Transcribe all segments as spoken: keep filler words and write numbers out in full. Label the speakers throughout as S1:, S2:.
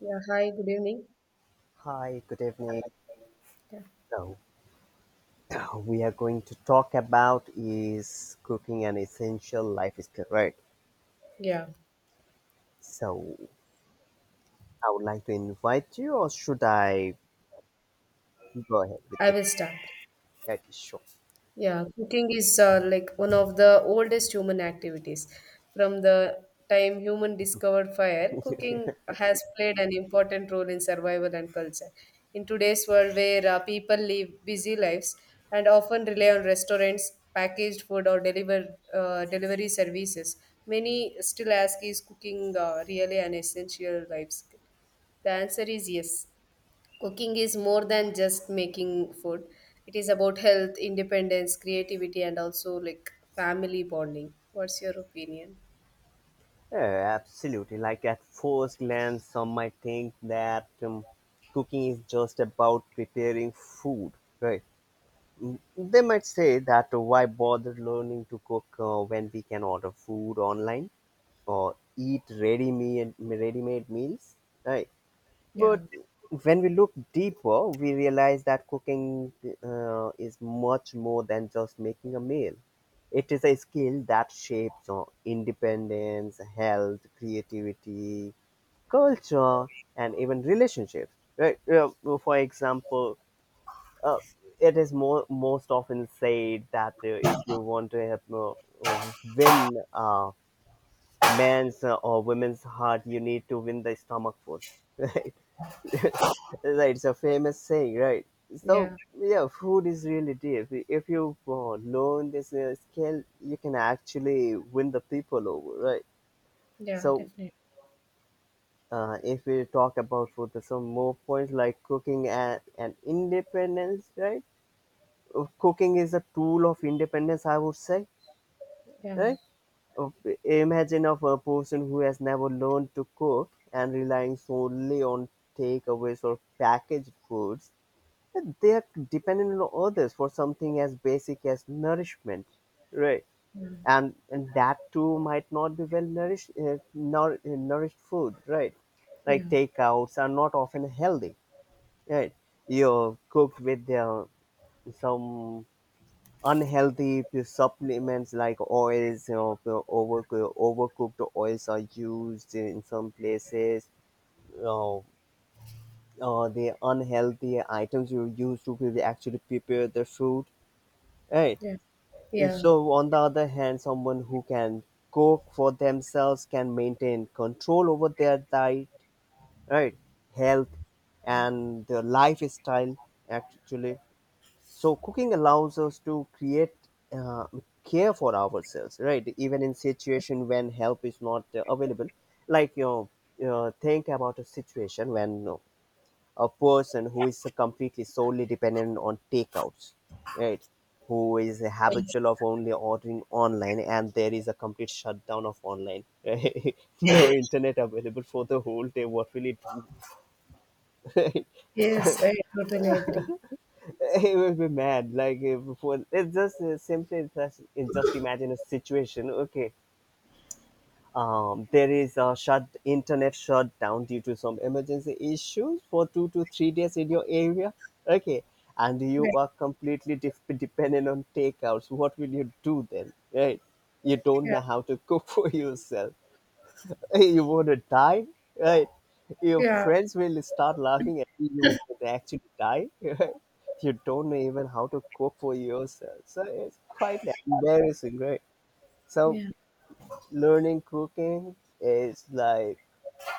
S1: Yeah, hi, good evening.
S2: Hi, good evening.
S1: Yeah.
S2: So, uh, we are going to talk about is cooking an essential life skill, right?
S1: Yeah,
S2: So, I would like to invite you, or should I go ahead with
S1: I
S2: the
S1: will start.
S2: that is sure.
S1: Yeah, cooking is uh, like one of the oldest human activities. From the time human discovered fire, cooking has played an important role in survival and culture. In today's world, where uh, people live busy lives and often rely on restaurants, packaged food, or deliver uh, delivery services, many still ask, "Is cooking uh, really an essential life skill?" The answer is yes. Cooking is more than just making food. It is about health, independence, creativity, and also like family bonding. What's your opinion?
S2: Yeah, absolutely. Like at first glance, some might think that um, cooking is just about preparing food, right? Mm, They might say that uh, why bother learning to cook uh, when we can order food online? Or eat ready meal, ready-made meals, right?
S1: Yeah,
S2: But when we look deeper, we realize that cooking uh, is much more than just making a meal. It is a skill that shapes our independence, health, creativity, culture, and even relationships. Right? Uh, For example, uh, it is more most often said that uh, if you want to have, uh, win a man's uh, or women's heart, you need to win the stomach first, right? Right, it's a famous saying, right? So
S1: yeah,
S2: yeah, food is really deep. If you uh, learn this uh, skill, you can actually win the people over, right?
S1: yeah,
S2: So
S1: definitely.
S2: uh, if we talk about food, there's some more points like cooking and, and independence, right? Uh, cooking is a tool of independence, I would say,
S1: Yeah,
S2: right. Of- Imagine of a person who has never learned to cook and relying solely on takeaways or packaged foods. They are dependent on others for something as basic as nourishment, right? And and that too might not be well nourished, uh, nour- uh, nourished food, right? Like
S1: yeah,
S2: takeouts are not often healthy, right? You're cooked with uh, some unhealthy p- supplements like oils, you know, p- over, overcooked oils are used in some places. You uh, the unhealthy items you use to pre- actually prepare the food, right?
S1: yeah. Yeah.
S2: So on the other hand, someone who can cook for themselves can maintain control over their diet, right, health, and their lifestyle actually. So cooking allows us to create uh, care for ourselves, right, even in situation when help is not uh, available. Like, you know, uh, think about a situation when you a person who is completely solely dependent on takeouts, right, who is habitual of only ordering online, and there is a complete shutdown of online, right? No internet available for the whole day, what will it do?
S1: Yes, I totally agree.
S2: He will be mad. Like if for it's just uh, simply it's just, it's just imagine a situation, okay? Um there is a shut internet shutdown due to some emergency issues for two to three days in your area, okay? And you
S1: Yeah,
S2: are completely def- dependent on takeouts, what will you do then, right? You don't
S1: yeah,
S2: know how to cook for yourself. Hey, you want to die, right? Your
S1: yeah,
S2: friends will start laughing at you. You wouldn't actually die. Right? You don't know even how to cook for yourself, so it's quite like embarrassing, right? So
S1: yeah,
S2: learning cooking is like,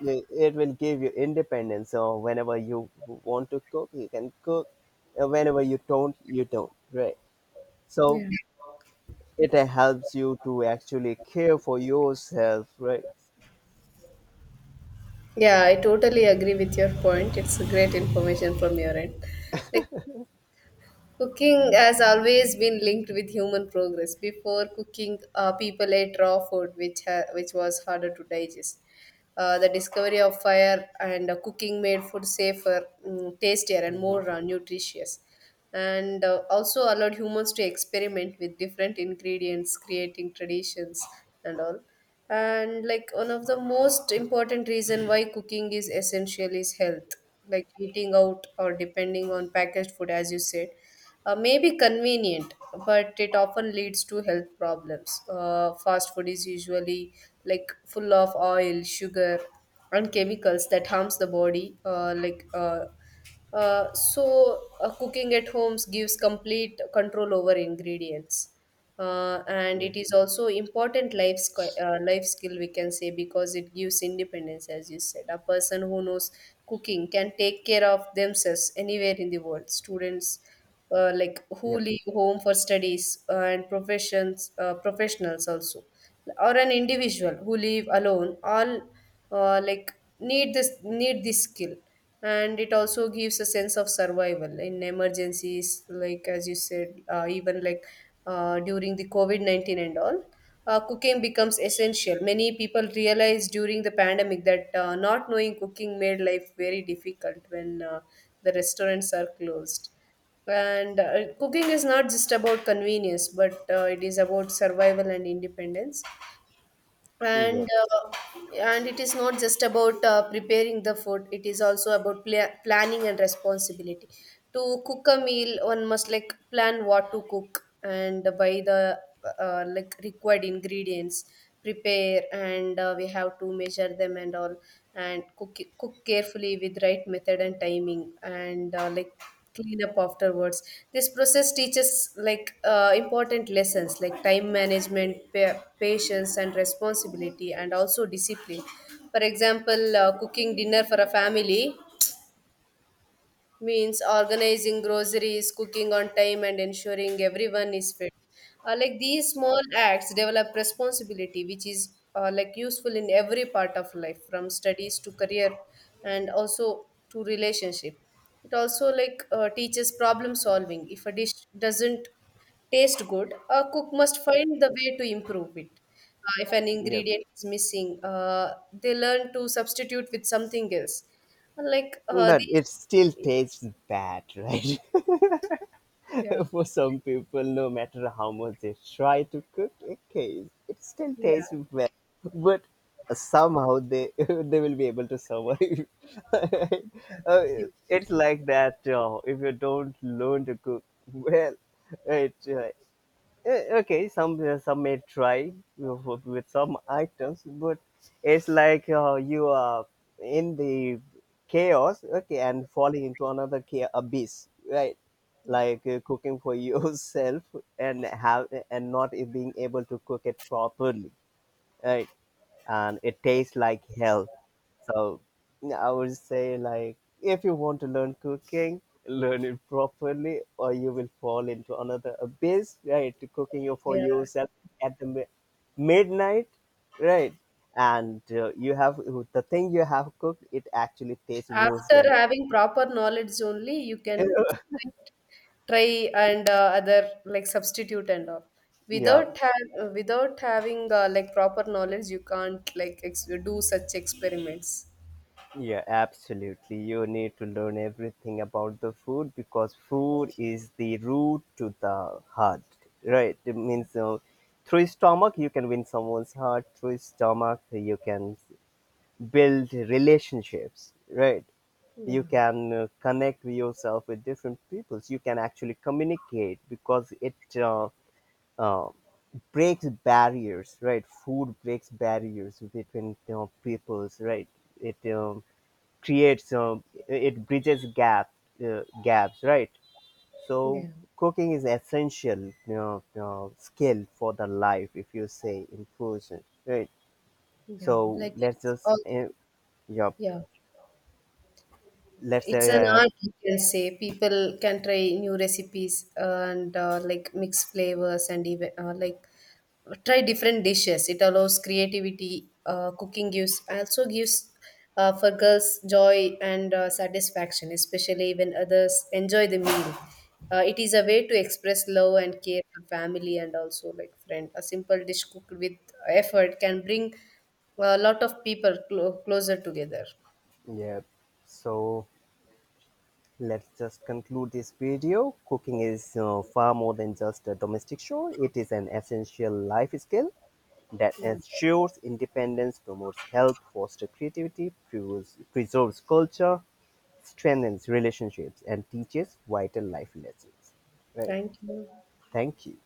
S2: it, it will give you independence. So whenever you want to cook, you can cook, and whenever you don't, you don't, right? So
S1: yeah.
S2: it helps you to actually care for yourself, right?
S1: Yeah, I totally agree with your point. It's a great information from your end. Like cooking has always been linked with human progress. Before cooking, uh, people ate raw food, which ha- which was harder to digest. Uh, the discovery of fire and uh, cooking made food safer, mm, tastier, and
S2: Hmm.
S1: more uh, nutritious, and uh, also allowed humans to experiment with different ingredients, creating traditions and all. And like one of the most important reason why cooking is essential is health. Like eating out or depending on packaged food, as you said, uh, may be convenient, but it often leads to health problems. Uh, fast food is usually like full of oil, sugar, and chemicals that harms the body. Uh, like uh, uh, so, uh, cooking at homes gives complete control over ingredients, uh, and
S2: Yep.
S1: it is also important life squi- uh, life skill, we can say, because it gives independence. As you said, a person who knows cooking can take care of themselves anywhere in the world. Students, uh, like, who leave home for studies, uh, and professions, uh, professionals also, or an individual who live alone all, uh, like, need this need this skill. And it also gives a sense of survival in emergencies, like as you said, uh, even like uh, during the covid nineteen and all. Uh, cooking becomes essential. Many people realized during the pandemic that uh, not knowing cooking made life very difficult when uh, the restaurants are closed. And uh, cooking is not just about convenience, but uh, it is about survival and independence. and
S2: Yep.
S1: uh, and it is not just about uh, preparing the food, it is also about pla planning and responsibility. To cook a meal, one must like plan what to cook and buy the uh, like required ingredients, prepare, and uh, we have to measure them and all, and cook cook carefully with right method and timing, and uh, like clean up afterwards. This process teaches like uh, important lessons like time management, pa- patience and responsibility, and also discipline. For example, uh, cooking dinner for a family means organizing groceries, cooking on time, and ensuring everyone is fed. Uh, like these small acts develop responsibility, which is uh, like useful in every part of life, from studies to career, and also to relationship. It also like uh, teaches problem solving. If a dish doesn't taste good, a cook must find the way to improve it. Uh, if an
S2: Yep.
S1: ingredient is missing, uh, they learn to substitute with something else. Like uh,
S2: But
S1: these,
S2: it still tastes bad, right?
S1: yeah.
S2: For some people, no matter how much they try to cook a case, it still tastes
S1: Yeah.
S2: bad. But somehow they they will be able to survive. Uh,
S1: Few-
S2: it's like that. Uh, if you don't learn to cook well, it uh, Eh, okay, some uh, some may try with with some items, but it's like uh, you are in the chaos, okay, and falling into another cha- abyss, right? Like uh, cooking for yourself and have and not being able to cook it properly, right, and it tastes like hell. So I would say like, if you want to learn cooking, learn it properly or you will fall into another abyss, right? To cooking for
S1: Yeah.
S2: yourself at the mi- midnight, right? And uh, you have the thing you have cooked, it actually tastes worse
S1: After
S2: than
S1: having proper knowledge only, you can,
S2: it.
S1: like, try and uh, other like substitute and all.
S2: Yeah.
S1: Without have without having uh, like proper knowledge, you can't like ex- do such experiments.
S2: Yeah, absolutely. You need to learn everything about the food because food is the root to the heart, right? It
S1: Yeah.
S2: means uh, through stomach you can win someone's heart. Through stomach you can build relationships, right? You
S1: Yeah.
S2: can uh, connect yourself with different peoples. You can actually communicate because it uh, uh, breaks barriers, right? Food breaks barriers between, you know, peoples, right? It um, creates uh, it bridges gap uh, gaps, right? So
S1: Yeah.
S2: cooking is essential, you know, uh, skill for the life, if you say in person, right?
S1: Yeah.
S2: So
S1: Like
S2: let's
S1: it's
S2: just
S1: all.
S2: uh, yeah
S1: Yeah.
S2: let's
S1: It's an
S2: uh,
S1: art, you can say. People can try new recipes and uh, like mix flavors and even uh, like try different dishes. It allows creativity. Uh, cooking gives also gives uh, for girls joy and uh, satisfaction, especially when others enjoy the meal. Uh, it is a way to express love and care for family and also like friend. A simple dish cooked with effort can bring a lot of people clo- closer together.
S2: yeah, so let's just conclude this video. Cooking is uh, far more than just a domestic chore. It is an essential life skill that ensures independence, promotes health, fosters creativity, preserves preserves culture, strengthens relationships, and teaches vital life lessons, right?
S1: Thank you.
S2: Thank you.